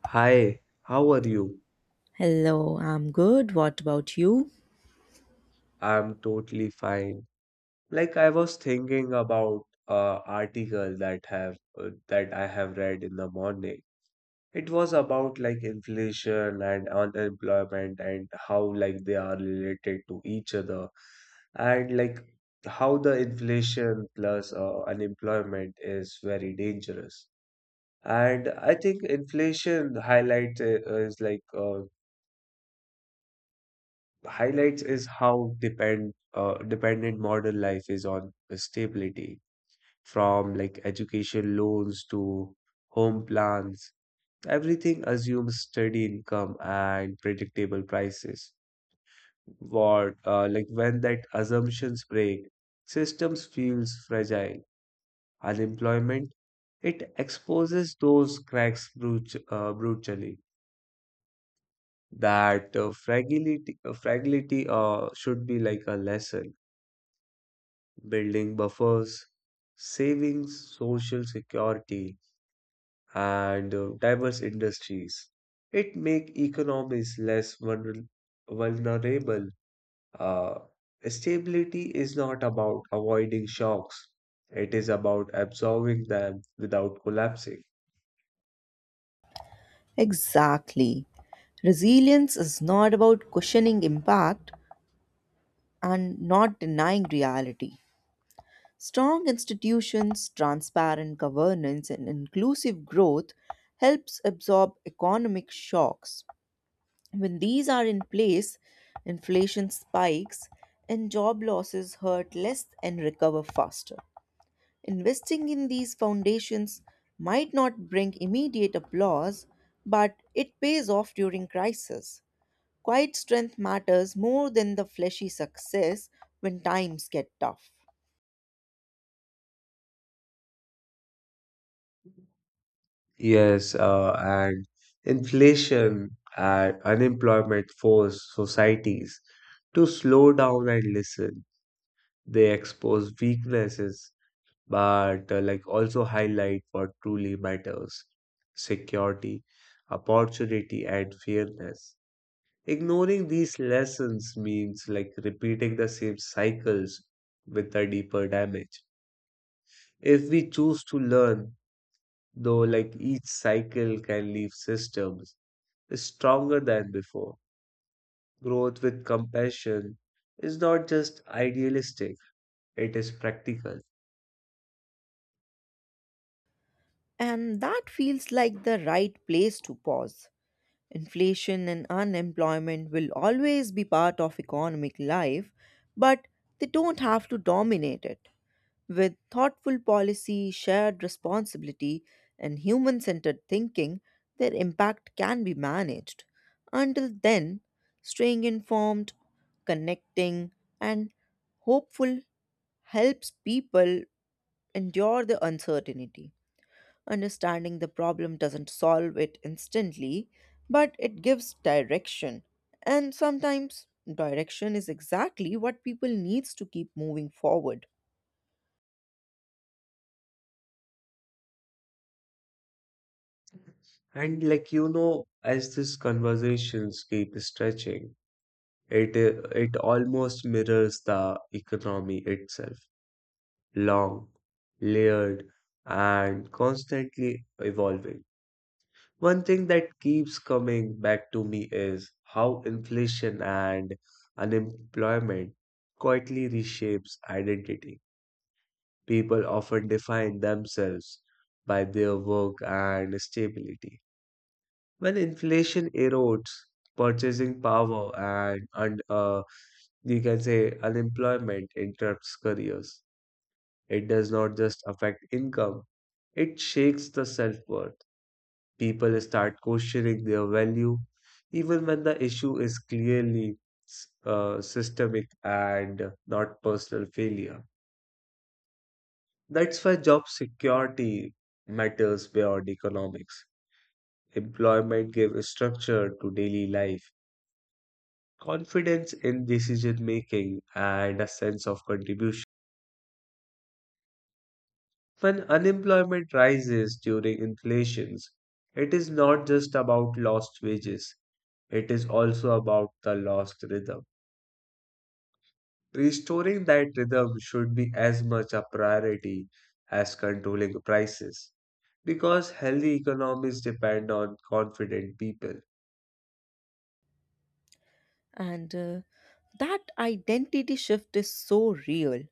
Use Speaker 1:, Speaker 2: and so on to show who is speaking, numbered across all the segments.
Speaker 1: Hi, how are you?
Speaker 2: Hello, I'm good. What about you?
Speaker 1: I'm totally fine. Like I was thinking about a article that have that I have read in the morning. It was about like inflation and unemployment and how like they are related to each other, and like how the inflation plus unemployment is very dangerous. And I think inflation is like uh, highlights is how dependent modern life is on stability, from like education loans to home plans. Everything assumes steady income and predictable prices. What Like when that assumptions break, systems feels fragile. Unemployment, it exposes those cracks brutally. That fragility should be like a lesson. Building buffers, saving social security, and diverse industries. It make economies less vulnerable. Uh, Stability is not about avoiding shocks. It is about absorbing them without collapsing.
Speaker 2: Exactly. Resilience is not about cushioning impact and not denying reality. Strong institutions, transparent governance, and inclusive growth helps absorb economic shocks. When these are in place, inflation spikes and job losses hurt less and recover faster. Investing in these foundations might not bring immediate applause, but it pays off during crisis. Quiet strength matters more than the fleshy success when times get tough.
Speaker 1: Yes, and inflation and unemployment force societies to slow down and listen. They expose weaknesses, but like also highlight what truly matters: security, opportunity, and fairness. Ignoring these lessons means like repeating the same cycles with a deeper damage. If we choose to learn, though, like each cycle can leave systems stronger than before. Growth with compassion is not just idealistic, it is practical.
Speaker 2: And that feels like the right place to pause. Inflation and unemployment will always be part of economic life, but they don't have to dominate it. With thoughtful policy, shared responsibility, and human centered thinking, their impact can be managed. Until then, staying informed, connecting, and hopeful helps people endure the uncertainty. Understanding the problem doesn't solve it instantly, but it gives direction. And sometimes direction is exactly what people needs to keep moving forward.
Speaker 1: And like you know, as these conversations keep stretching, it almost mirrors the economy itself: long, layered, and constantly evolving. One thing that keeps coming back to me is how inflation and unemployment quietly reshapes identity. People often define themselves by their work and stability. When inflation erodes purchasing power, and you can say unemployment interrupts careers, it does not just affect income, it shakes the self worth. People start questioning their value, even when the issue is clearly systemic and not personal failure. That's why job security matters beyond economics. Employment gives structure to daily life, confidence in decision making, and a sense of contribution. When unemployment rises during inflations, it is not just about lost wages, it is also about the lost rhythm. Restoring that rhythm should be as much a priority as controlling prices, because healthy economies depend on confident people.
Speaker 2: And That identity shift is so real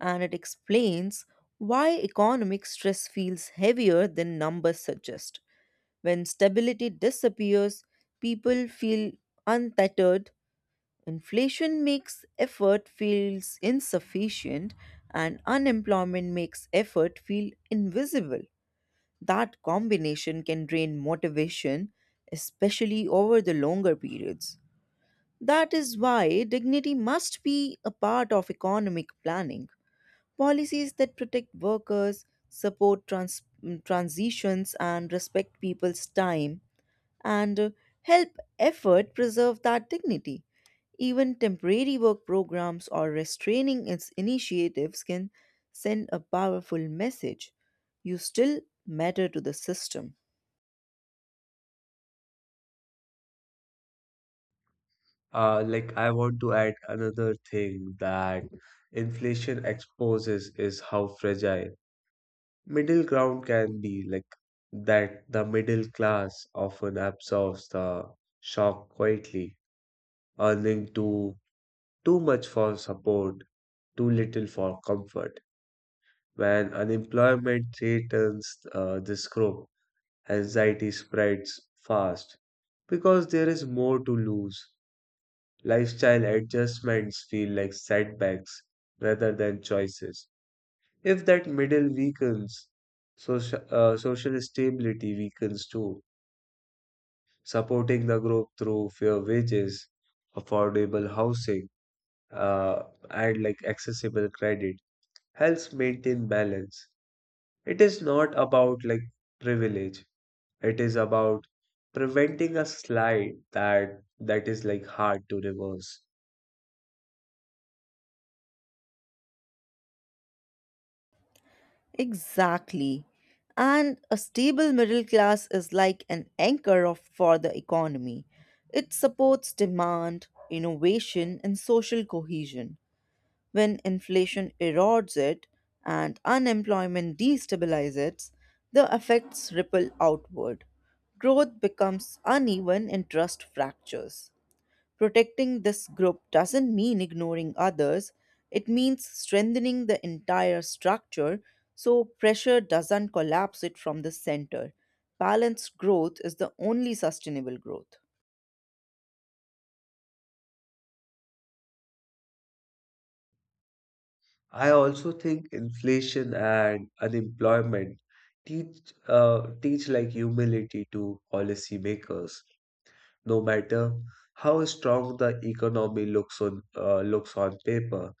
Speaker 2: and it explains why economic stress feels heavier than numbers suggest. When stability disappears, people feel untethered. Inflation makes effort feels insufficient and unemployment makes effort feel invisible. That combination can drain motivation, especially over the longer periods. That is why dignity must be a part of economic planning. Policies that protect workers, support transitions, and respect people's time and help effort preserve that dignity. Even temporary work programs or restraining its initiatives can send a powerful message. You still matter to the system.
Speaker 1: Like, I want to add another thing that inflation exposes is how fragile middle ground can be. Like that the middle class often absorbs the shock quietly, earning too much for support, too little for comfort. When unemployment threatens this group, anxiety spreads fast because there is more to lose. Lifestyle adjustments feel like setbacks rather than choices. If that middle weakens, social stability weakens too. Supporting the group through fair wages, affordable housing, uh, and like accessible credit helps maintain balance. It is not about like privilege. It is about preventing a slide that is like hard to reverse.
Speaker 2: Exactly. And a stable middle class is like an anchor of, for the economy. It supports demand, innovation, and social cohesion. When inflation erodes it and unemployment destabilizes it, the effects ripple outward. Growth becomes uneven and trust fractures. Protecting this group doesn't mean ignoring others, it means strengthening the entire structure so pressure doesn't collapse it from the center. Balanced growth is the only sustainable growth.
Speaker 1: I also think inflation and unemployment teach like humility to policymakers. No matter how strong the economy looks on paper,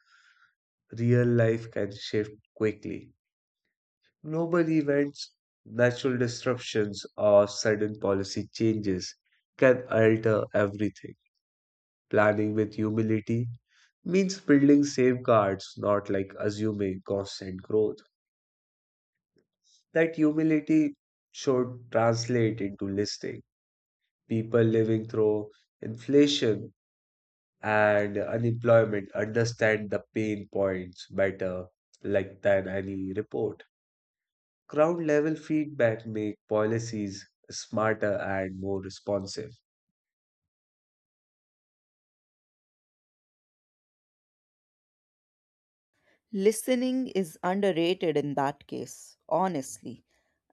Speaker 1: real life can shift quickly. Global events, natural disruptions, or sudden policy changes can alter everything. Planning with humility means building safeguards, not like assuming constant growth. That humility should translate into listening. People living through inflation and unemployment understand the pain points better like than any report. Ground level feedback make policies smarter and more responsive.
Speaker 2: Listening is underrated in that case, honestly.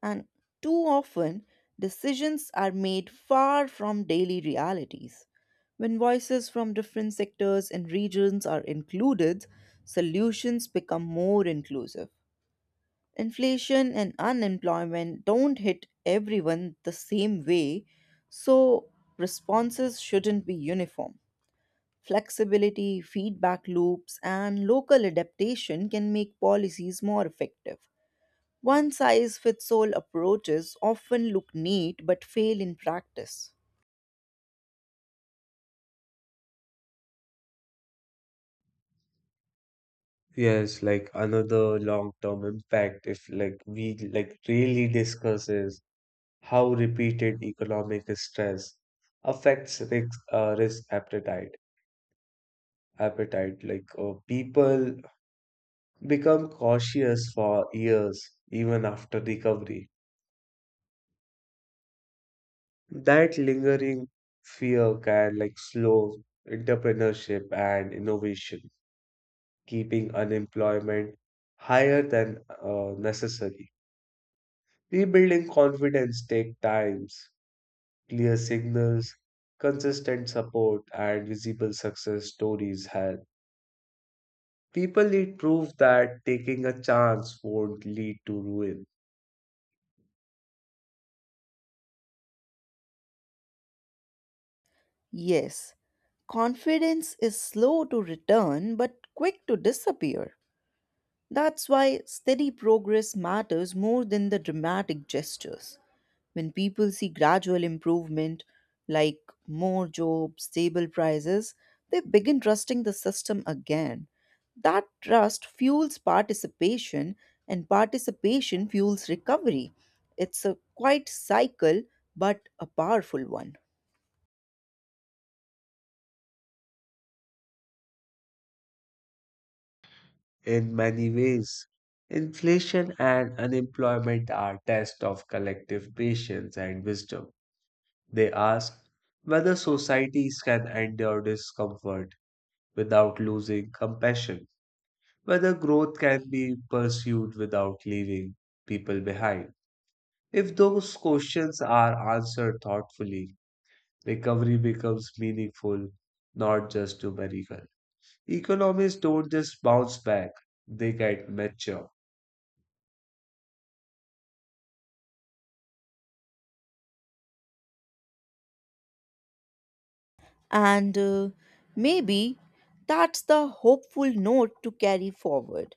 Speaker 2: And too often, decisions are made far from daily realities. When voices from different sectors and regions are included, solutions become more inclusive. Inflation and unemployment don't hit everyone the same way, so responses shouldn't be uniform. Flexibility, feedback loops, and local adaptation can make policies more effective. One size fits all approaches often look neat but fail in practice.
Speaker 1: Yes, like another long term impact if like we like really discuss is how repeated economic stress affects risk appetite. Like people become cautious for years even after recovery. That lingering fear can like slow entrepreneurship and innovation, keeping unemployment higher than necessary. Rebuilding confidence take times, clear signals, consistent support, and visible success stories help. People need proof that taking a chance won't lead to ruin.
Speaker 2: Yes, confidence is slow to return but quick to disappear. That's why steady progress matters more than the dramatic gestures. When people see gradual improvement, like more jobs, stable prices, they begin trusting the system again. That trust fuels participation, and participation fuels recovery. It's a quite cycle, but a powerful one.
Speaker 1: In many ways, inflation and unemployment are tests of collective patience and wisdom. They ask whether societies can endure discomfort without losing compassion, whether growth can be pursued without leaving people behind. If those questions are answered thoughtfully, recovery becomes meaningful, not just numerical. Economies don't just bounce back, they get mature.
Speaker 2: And Maybe that's the hopeful note to carry forward.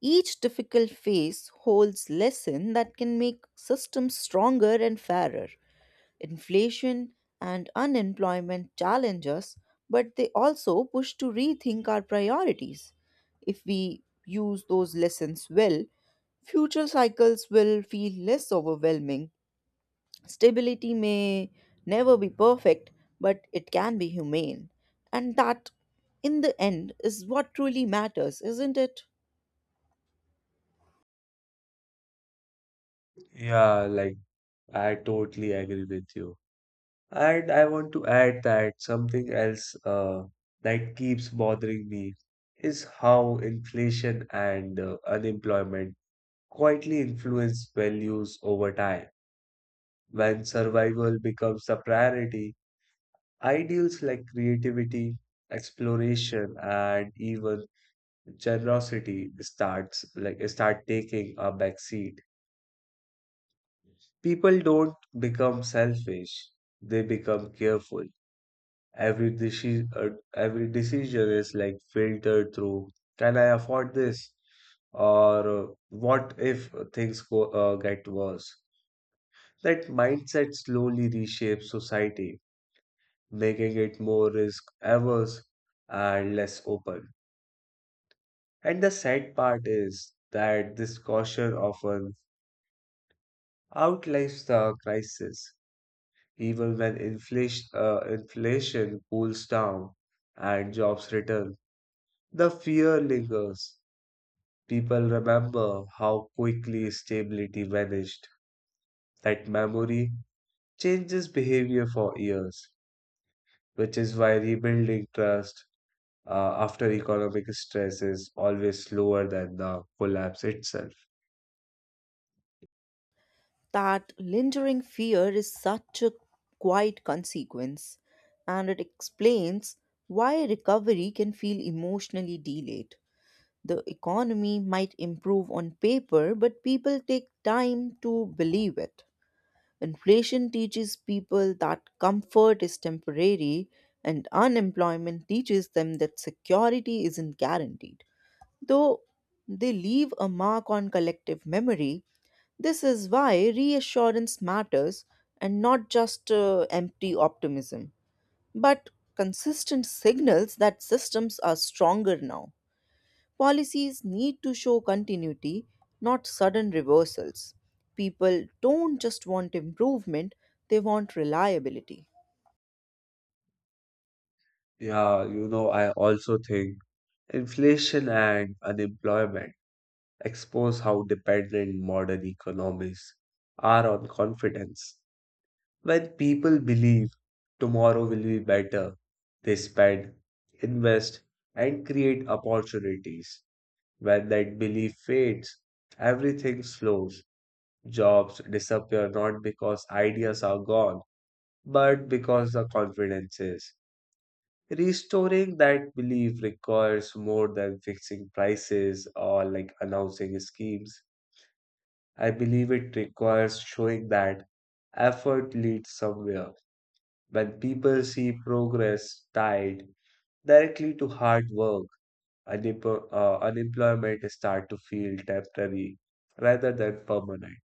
Speaker 2: Each difficult phase holds lesson that can make systems stronger and fairer. Inflation and unemployment challenge us, but they also push to rethink our priorities. If we use those lessons well, future cycles will feel less overwhelming. Stability may never be perfect, but it can be humane. And that, in the end, is what truly matters, isn't it?
Speaker 1: Yeah, like I totally agree with you. And I want to add that something else that keeps bothering me is how inflation and unemployment quietly influence values over time. When survival becomes the priority, ideals like creativity, exploration, and even generosity start taking a backseat. People don't become selfish; they become careful. Every decision is like filtered through, can I afford this? Or what if things get worse? That mindset slowly reshapes society, making it more risk-averse and less open. And the sad part is that this caution often outlives the crisis, even when inflation cools down and jobs return. The fear lingers. People remember how quickly stability vanished. That memory changes behavior for years, which is why rebuilding trust after economic stress is always slower than the collapse itself.
Speaker 2: That lingering fear is such a quiet consequence, and it explains why recovery can feel emotionally delayed. The economy might improve on paper, but people take time to believe it. Inflation teaches people that comfort is temporary, and unemployment teaches them that security isn't guaranteed. Though they leave a mark on collective memory, this is why reassurance matters and not just empty optimism, but consistent signals that systems are stronger now. Policies need to show continuity, not sudden reversals. People don't just want improvement, they want reliability.
Speaker 1: Yeah, you know, I also think inflation and unemployment expose how dependent modern economies are on confidence. When people believe tomorrow will be better, they spend, invest, and create opportunities. When that belief fades, everything slows. Jobs disappear not because ideas are gone, but because the confidence is. Restoring that belief requires more than fixing prices or like announcing schemes. I believe it requires showing that effort leads somewhere. When people see progress tied directly to hard work, unemployment start to feel temporary rather than permanent.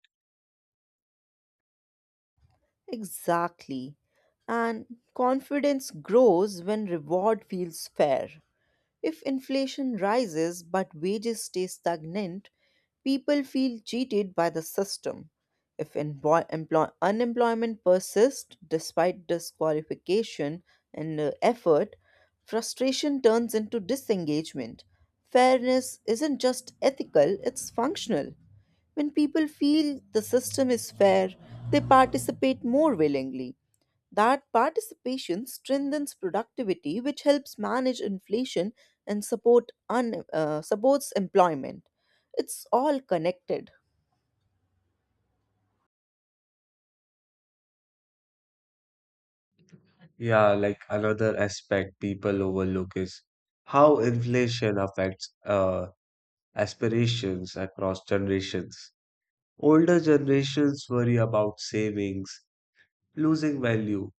Speaker 2: Exactly. And confidence grows when reward feels fair. If inflation rises but wages stay stagnant, people feel cheated by the system. If unemployment persists despite disqualification and effort, frustration turns into disengagement. Fairness isn't just ethical, it's functional. When people feel the system is fair, they participate more willingly. That participation strengthens productivity, which helps manage inflation and supports employment. It's all connected.
Speaker 1: Yeah, like another aspect people overlook is how inflation affects aspirations across generations. Older generations worry about savings losing value,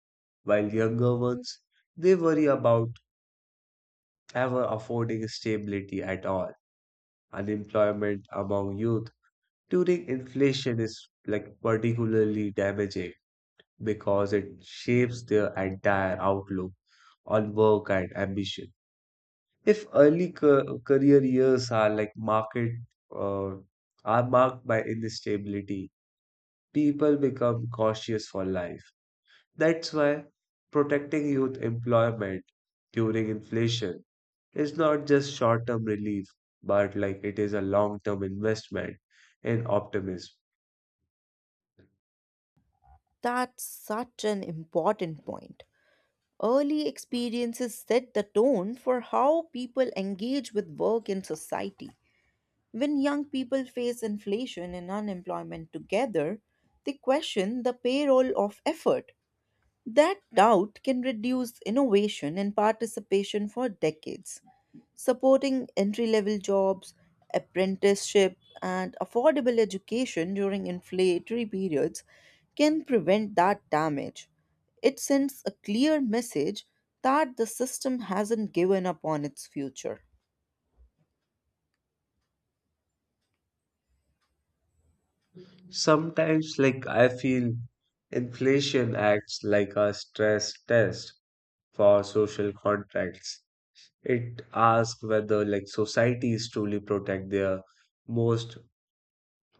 Speaker 1: while younger ones, they worry about ever affording stability at all. Unemployment among youth during inflation is like particularly damaging because it shapes their entire outlook on work and ambition. If early career years are like market uh, are marked by instability, people become cautious for life. That's why protecting youth employment during inflation is not just short-term relief, but like it is a long-term investment in optimism.
Speaker 2: That's such an important point. Early experiences set the tone for how people engage with work in society. When young people face inflation and unemployment together, they question the payroll of effort. That doubt can reduce innovation and participation for decades. Supporting entry level jobs, apprenticeship, and affordable education during inflationary periods can prevent that damage. It sends a clear message that the system hasn't given up on its future.
Speaker 1: Sometimes, like, I feel inflation acts like a stress test for social contracts. It asks whether, like, societies truly protect their most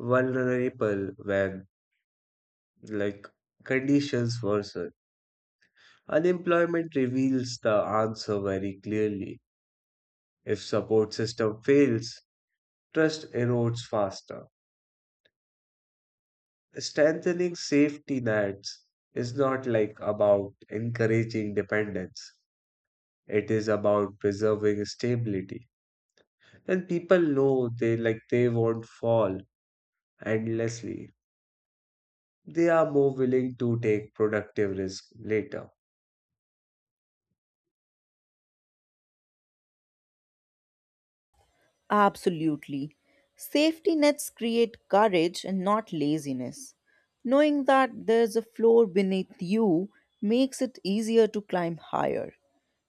Speaker 1: vulnerable when, like, conditions worsen. Unemployment reveals the answer very clearly. If support system fails, trust erodes faster. Strengthening safety nets is not like about encouraging dependence. It is about preserving stability. When people know they won't fall endlessly, they are more willing to take productive risk later.
Speaker 2: Absolutely. Safety nets create courage and not laziness. Knowing that there's a floor beneath you makes it easier to climb higher.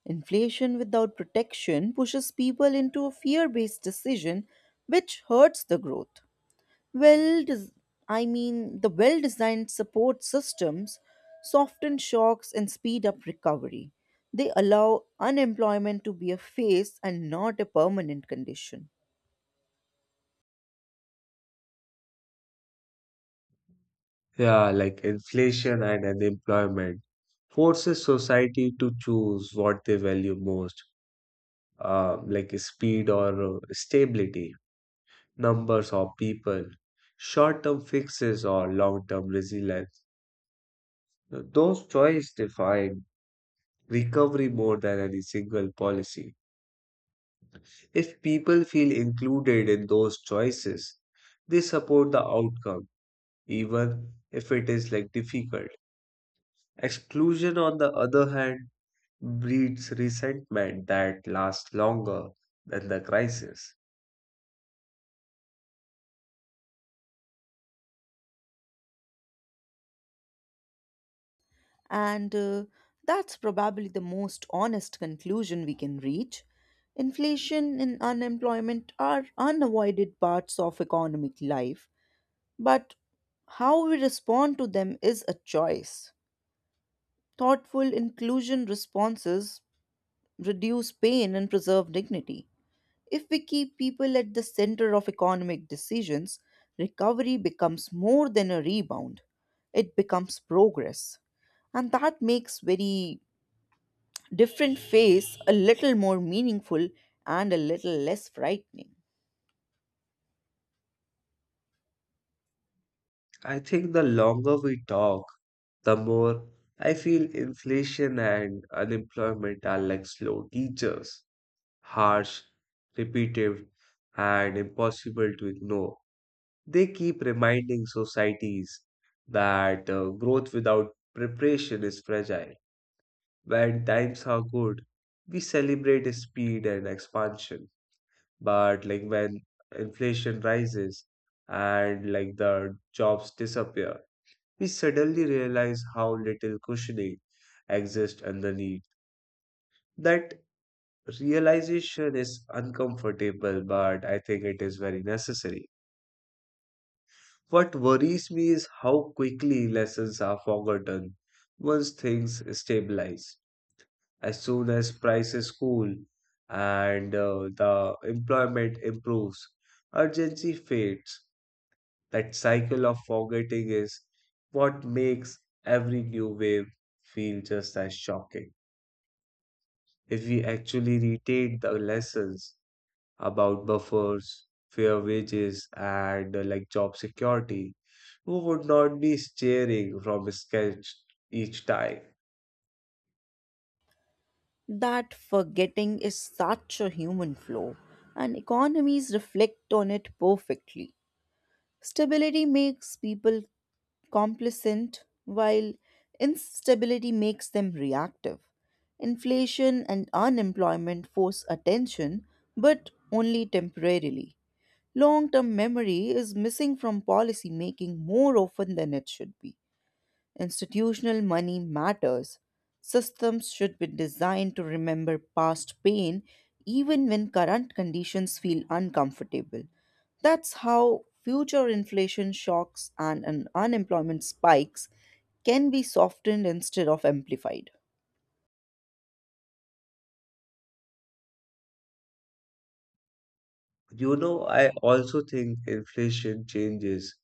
Speaker 2: Inflation without protection pushes people into a fear based decision, which hurts the growth. Well, des- the well designed support systems soften shocks and speed up recovery. They allow unemployment to be a phase and not a permanent condition.
Speaker 1: Yeah, like inflation and unemployment forces society to choose what they value most: like speed or stability, numbers or people, short-term fixes or long-term resilience. Those choices define recovery more than any single policy. If people feel included in those choices, they support the outcome, even if it is like difficult. Exclusion, on the other hand, breeds resentment that lasts longer than the crisis.
Speaker 2: And That's probably the most honest conclusion we can reach. Inflation and unemployment are unavoided parts of economic life, but how we respond to them is a choice. Thoughtful inclusion responses reduce pain and preserve dignity. If we keep people at the center of economic decisions, recovery becomes more than a rebound, it becomes progress. And that makes very different face, a little more meaningful and a little less frightening.
Speaker 1: I think the longer we talk, the more I feel inflation and unemployment are like slow teachers: harsh, repetitive, and impossible to ignore. They keep reminding societies that growth without preparation is fragile. When times are good, we celebrate speed and expansion. But like when inflation rises and like the jobs disappear, we suddenly realize how little cushioning exists underneath. That realization is uncomfortable, but I think it is very necessary. What worries me is how quickly lessons are forgotten once things stabilize. As soon as prices cool and the employment improves, urgency fades. That cycle of forgetting is what makes every new wave feel just as shocking. If we actually retain the lessons, about buffers, fair wages, and like job security, who would not be staring from a sketch each time?
Speaker 2: That forgetting is such a human flaw, and economies reflect on it perfectly. Stability makes people complacent, while instability makes them reactive. Inflation and unemployment force attention, but only temporarily. Long term memory is missing from policy making more often than it should be. Institutional money matters. Systems should be designed to remember past pain even when current conditions feel uncomfortable. That's how future inflation shocks and unemployment spikes can be softened instead of amplified.
Speaker 1: You know, I also think inflation changes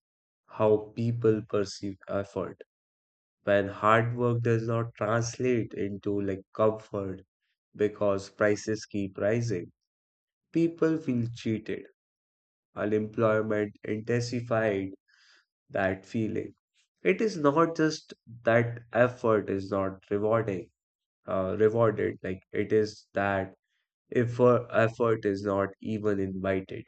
Speaker 1: how people perceive effort. When hard work does not translate into like comfort because prices keep rising, people feel cheated. Unemployment intensified that feeling. It is not just that effort is not rewarded. Like it is that if effort is not even invited.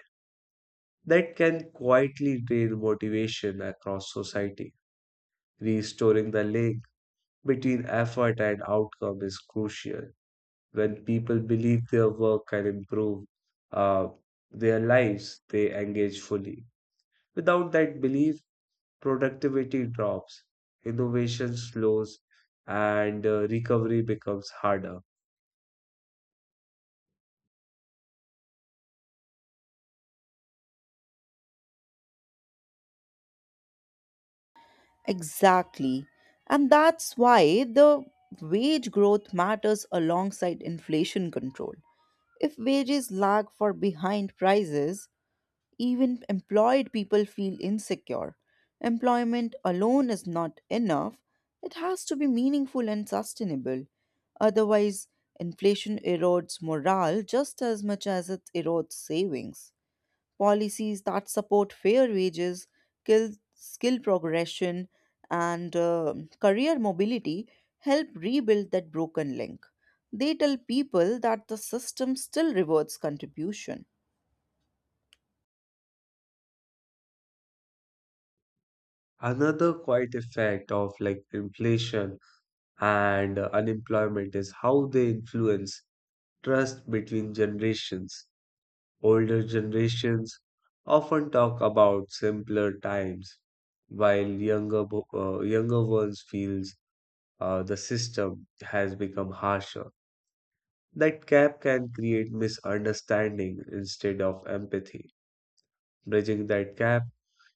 Speaker 1: That can quietly drain motivation across society. Restoring the link between effort and outcome is crucial. When people believe their work can improve uh, their lives, they engage fully. Without that belief, productivity drops, innovation slows, and recovery becomes harder.
Speaker 2: Exactly. And that's why the wage growth matters alongside inflation control. If wages lag for behind prices, even employed people feel insecure. Employment alone is not enough, it has to be meaningful and sustainable. Otherwise, inflation erodes morale just as much as it erodes savings. Policies that support fair wages, skill progression, and career mobility help rebuild that broken link. They tell people that the system still rewards contribution.
Speaker 1: Another quiet effect of like inflation and unemployment is how they influence trust between generations. Older generations often talk about simpler times, while younger ones feels the system has become harsher. That gap can create misunderstanding instead of empathy. Bridging that gap,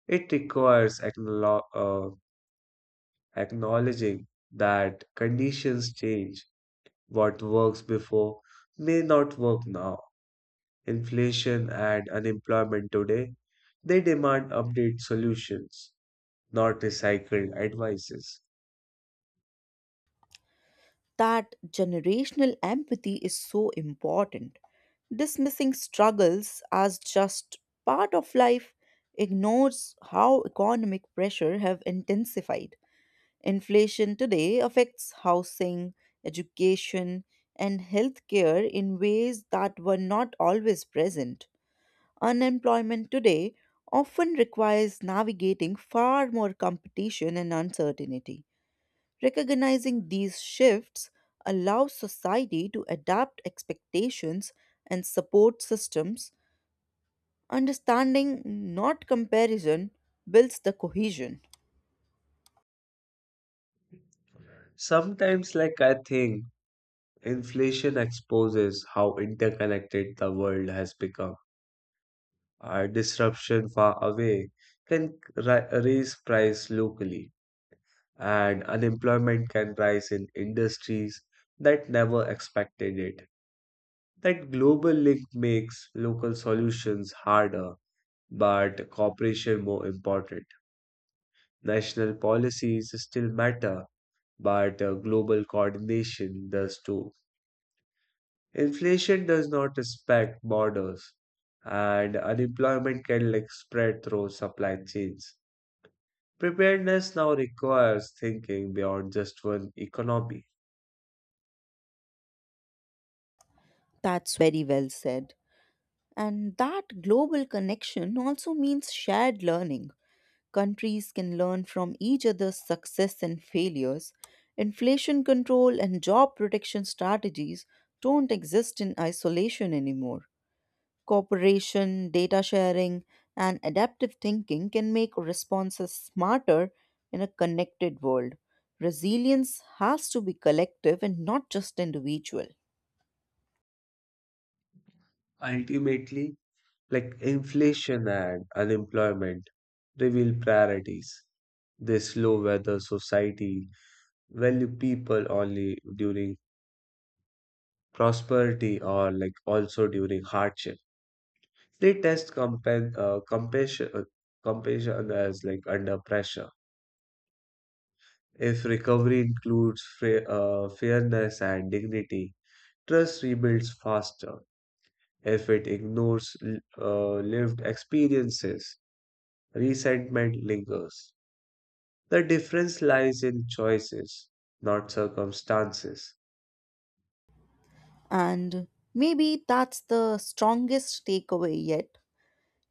Speaker 1: it requires acknowledging that conditions change. What works before may not work now. Inflation and unemployment today, they demand update solutions, not recycled advices.
Speaker 2: That generational empathy is so important. Dismissing struggles as just part of life ignores how economic pressure have intensified. Inflation today affects housing, education, and healthcare in ways that were not always present. Unemployment today often requires navigating far more competition and uncertainty. Recognizing these shifts allows society to adapt expectations and support systems. Understanding, not comparison, builds the cohesion.
Speaker 1: Sometimes, like I think, inflation exposes how interconnected the world has become. Our disruption far away can raise price locally, and unemployment can rise in industries that never expected it. That global link makes local solutions harder, but cooperation more important. National policies still matter, but global coordination does too. Inflation does not respect borders, and unemployment can like spread through supply chains. Preparedness now requires thinking beyond just one economy.
Speaker 2: That's very well said. And that global connection also means shared learning. Countries can learn from each other's success and failures. Inflation control and job protection strategies don't exist in isolation anymore. Cooperation, data sharing, and adaptive thinking can make responses smarter in a connected world. Resilience has to be collective and not just individual.
Speaker 1: Ultimately, like inflation and unemployment reveal priorities. This low weather society value people only during prosperity or like also during hardship. They test compassion as like under pressure. If recovery includes fairness and dignity, trust rebuilds faster. If it ignores lived experiences, resentment lingers. The difference lies in choices, not circumstances.
Speaker 2: And maybe that's the strongest takeaway yet.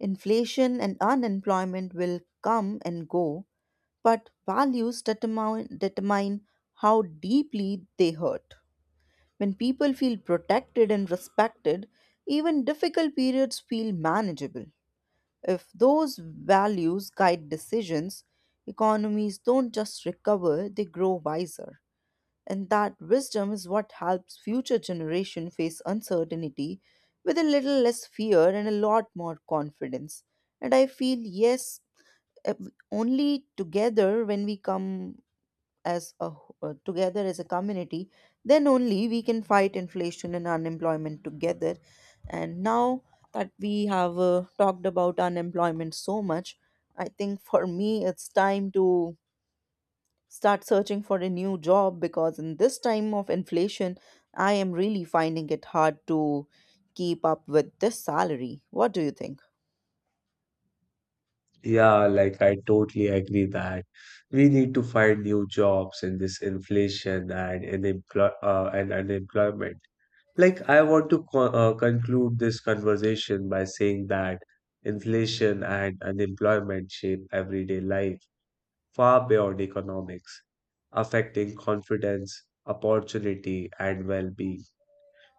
Speaker 2: Inflation and unemployment will come and go, but values determine how deeply they hurt. When people feel protected and respected, even difficult periods feel manageable. If those values guide decisions, economies don't just recover, they grow wiser, and that wisdom is what helps future generation face uncertainty with a little less fear and a lot more confidence. And I feel, yes, eh, only together, when we come together as a community, then only we can fight inflation and unemployment together. And now that we have talked about unemployment so much, I think for me it's time to start searching for a new job, because in this time of inflation I am really finding it hard to keep up with this salary. What do you think?
Speaker 1: Yeah, like I totally agree that we need to find new jobs in this inflation and in employ and unemployment. Like I want to conclude this conversation by saying that inflation and unemployment shape everyday life far beyond economics, affecting confidence, opportunity, and well-being.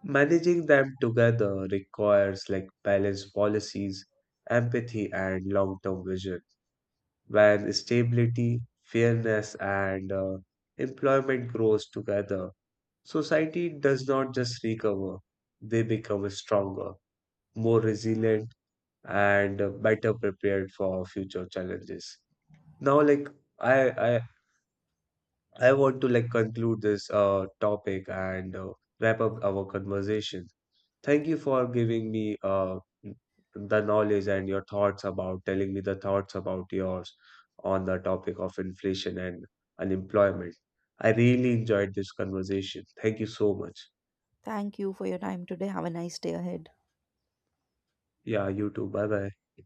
Speaker 1: Managing them together requires like balanced policies, empathy, and long-term vision. When stability, fairness, and employment grows together, society does not just recover; they become stronger, more resilient, and better prepared for future challenges. Now, like I, I, I want to like conclude this topic and wrap up our conversation. Thank you for giving me the knowledge and your thoughts about telling me the thoughts about yours on the topic of inflation and unemployment. I really enjoyed this conversation. Thank you so much.
Speaker 2: Thank you for your time today. Have a nice day ahead.
Speaker 1: Yeah, you too. Bye bye.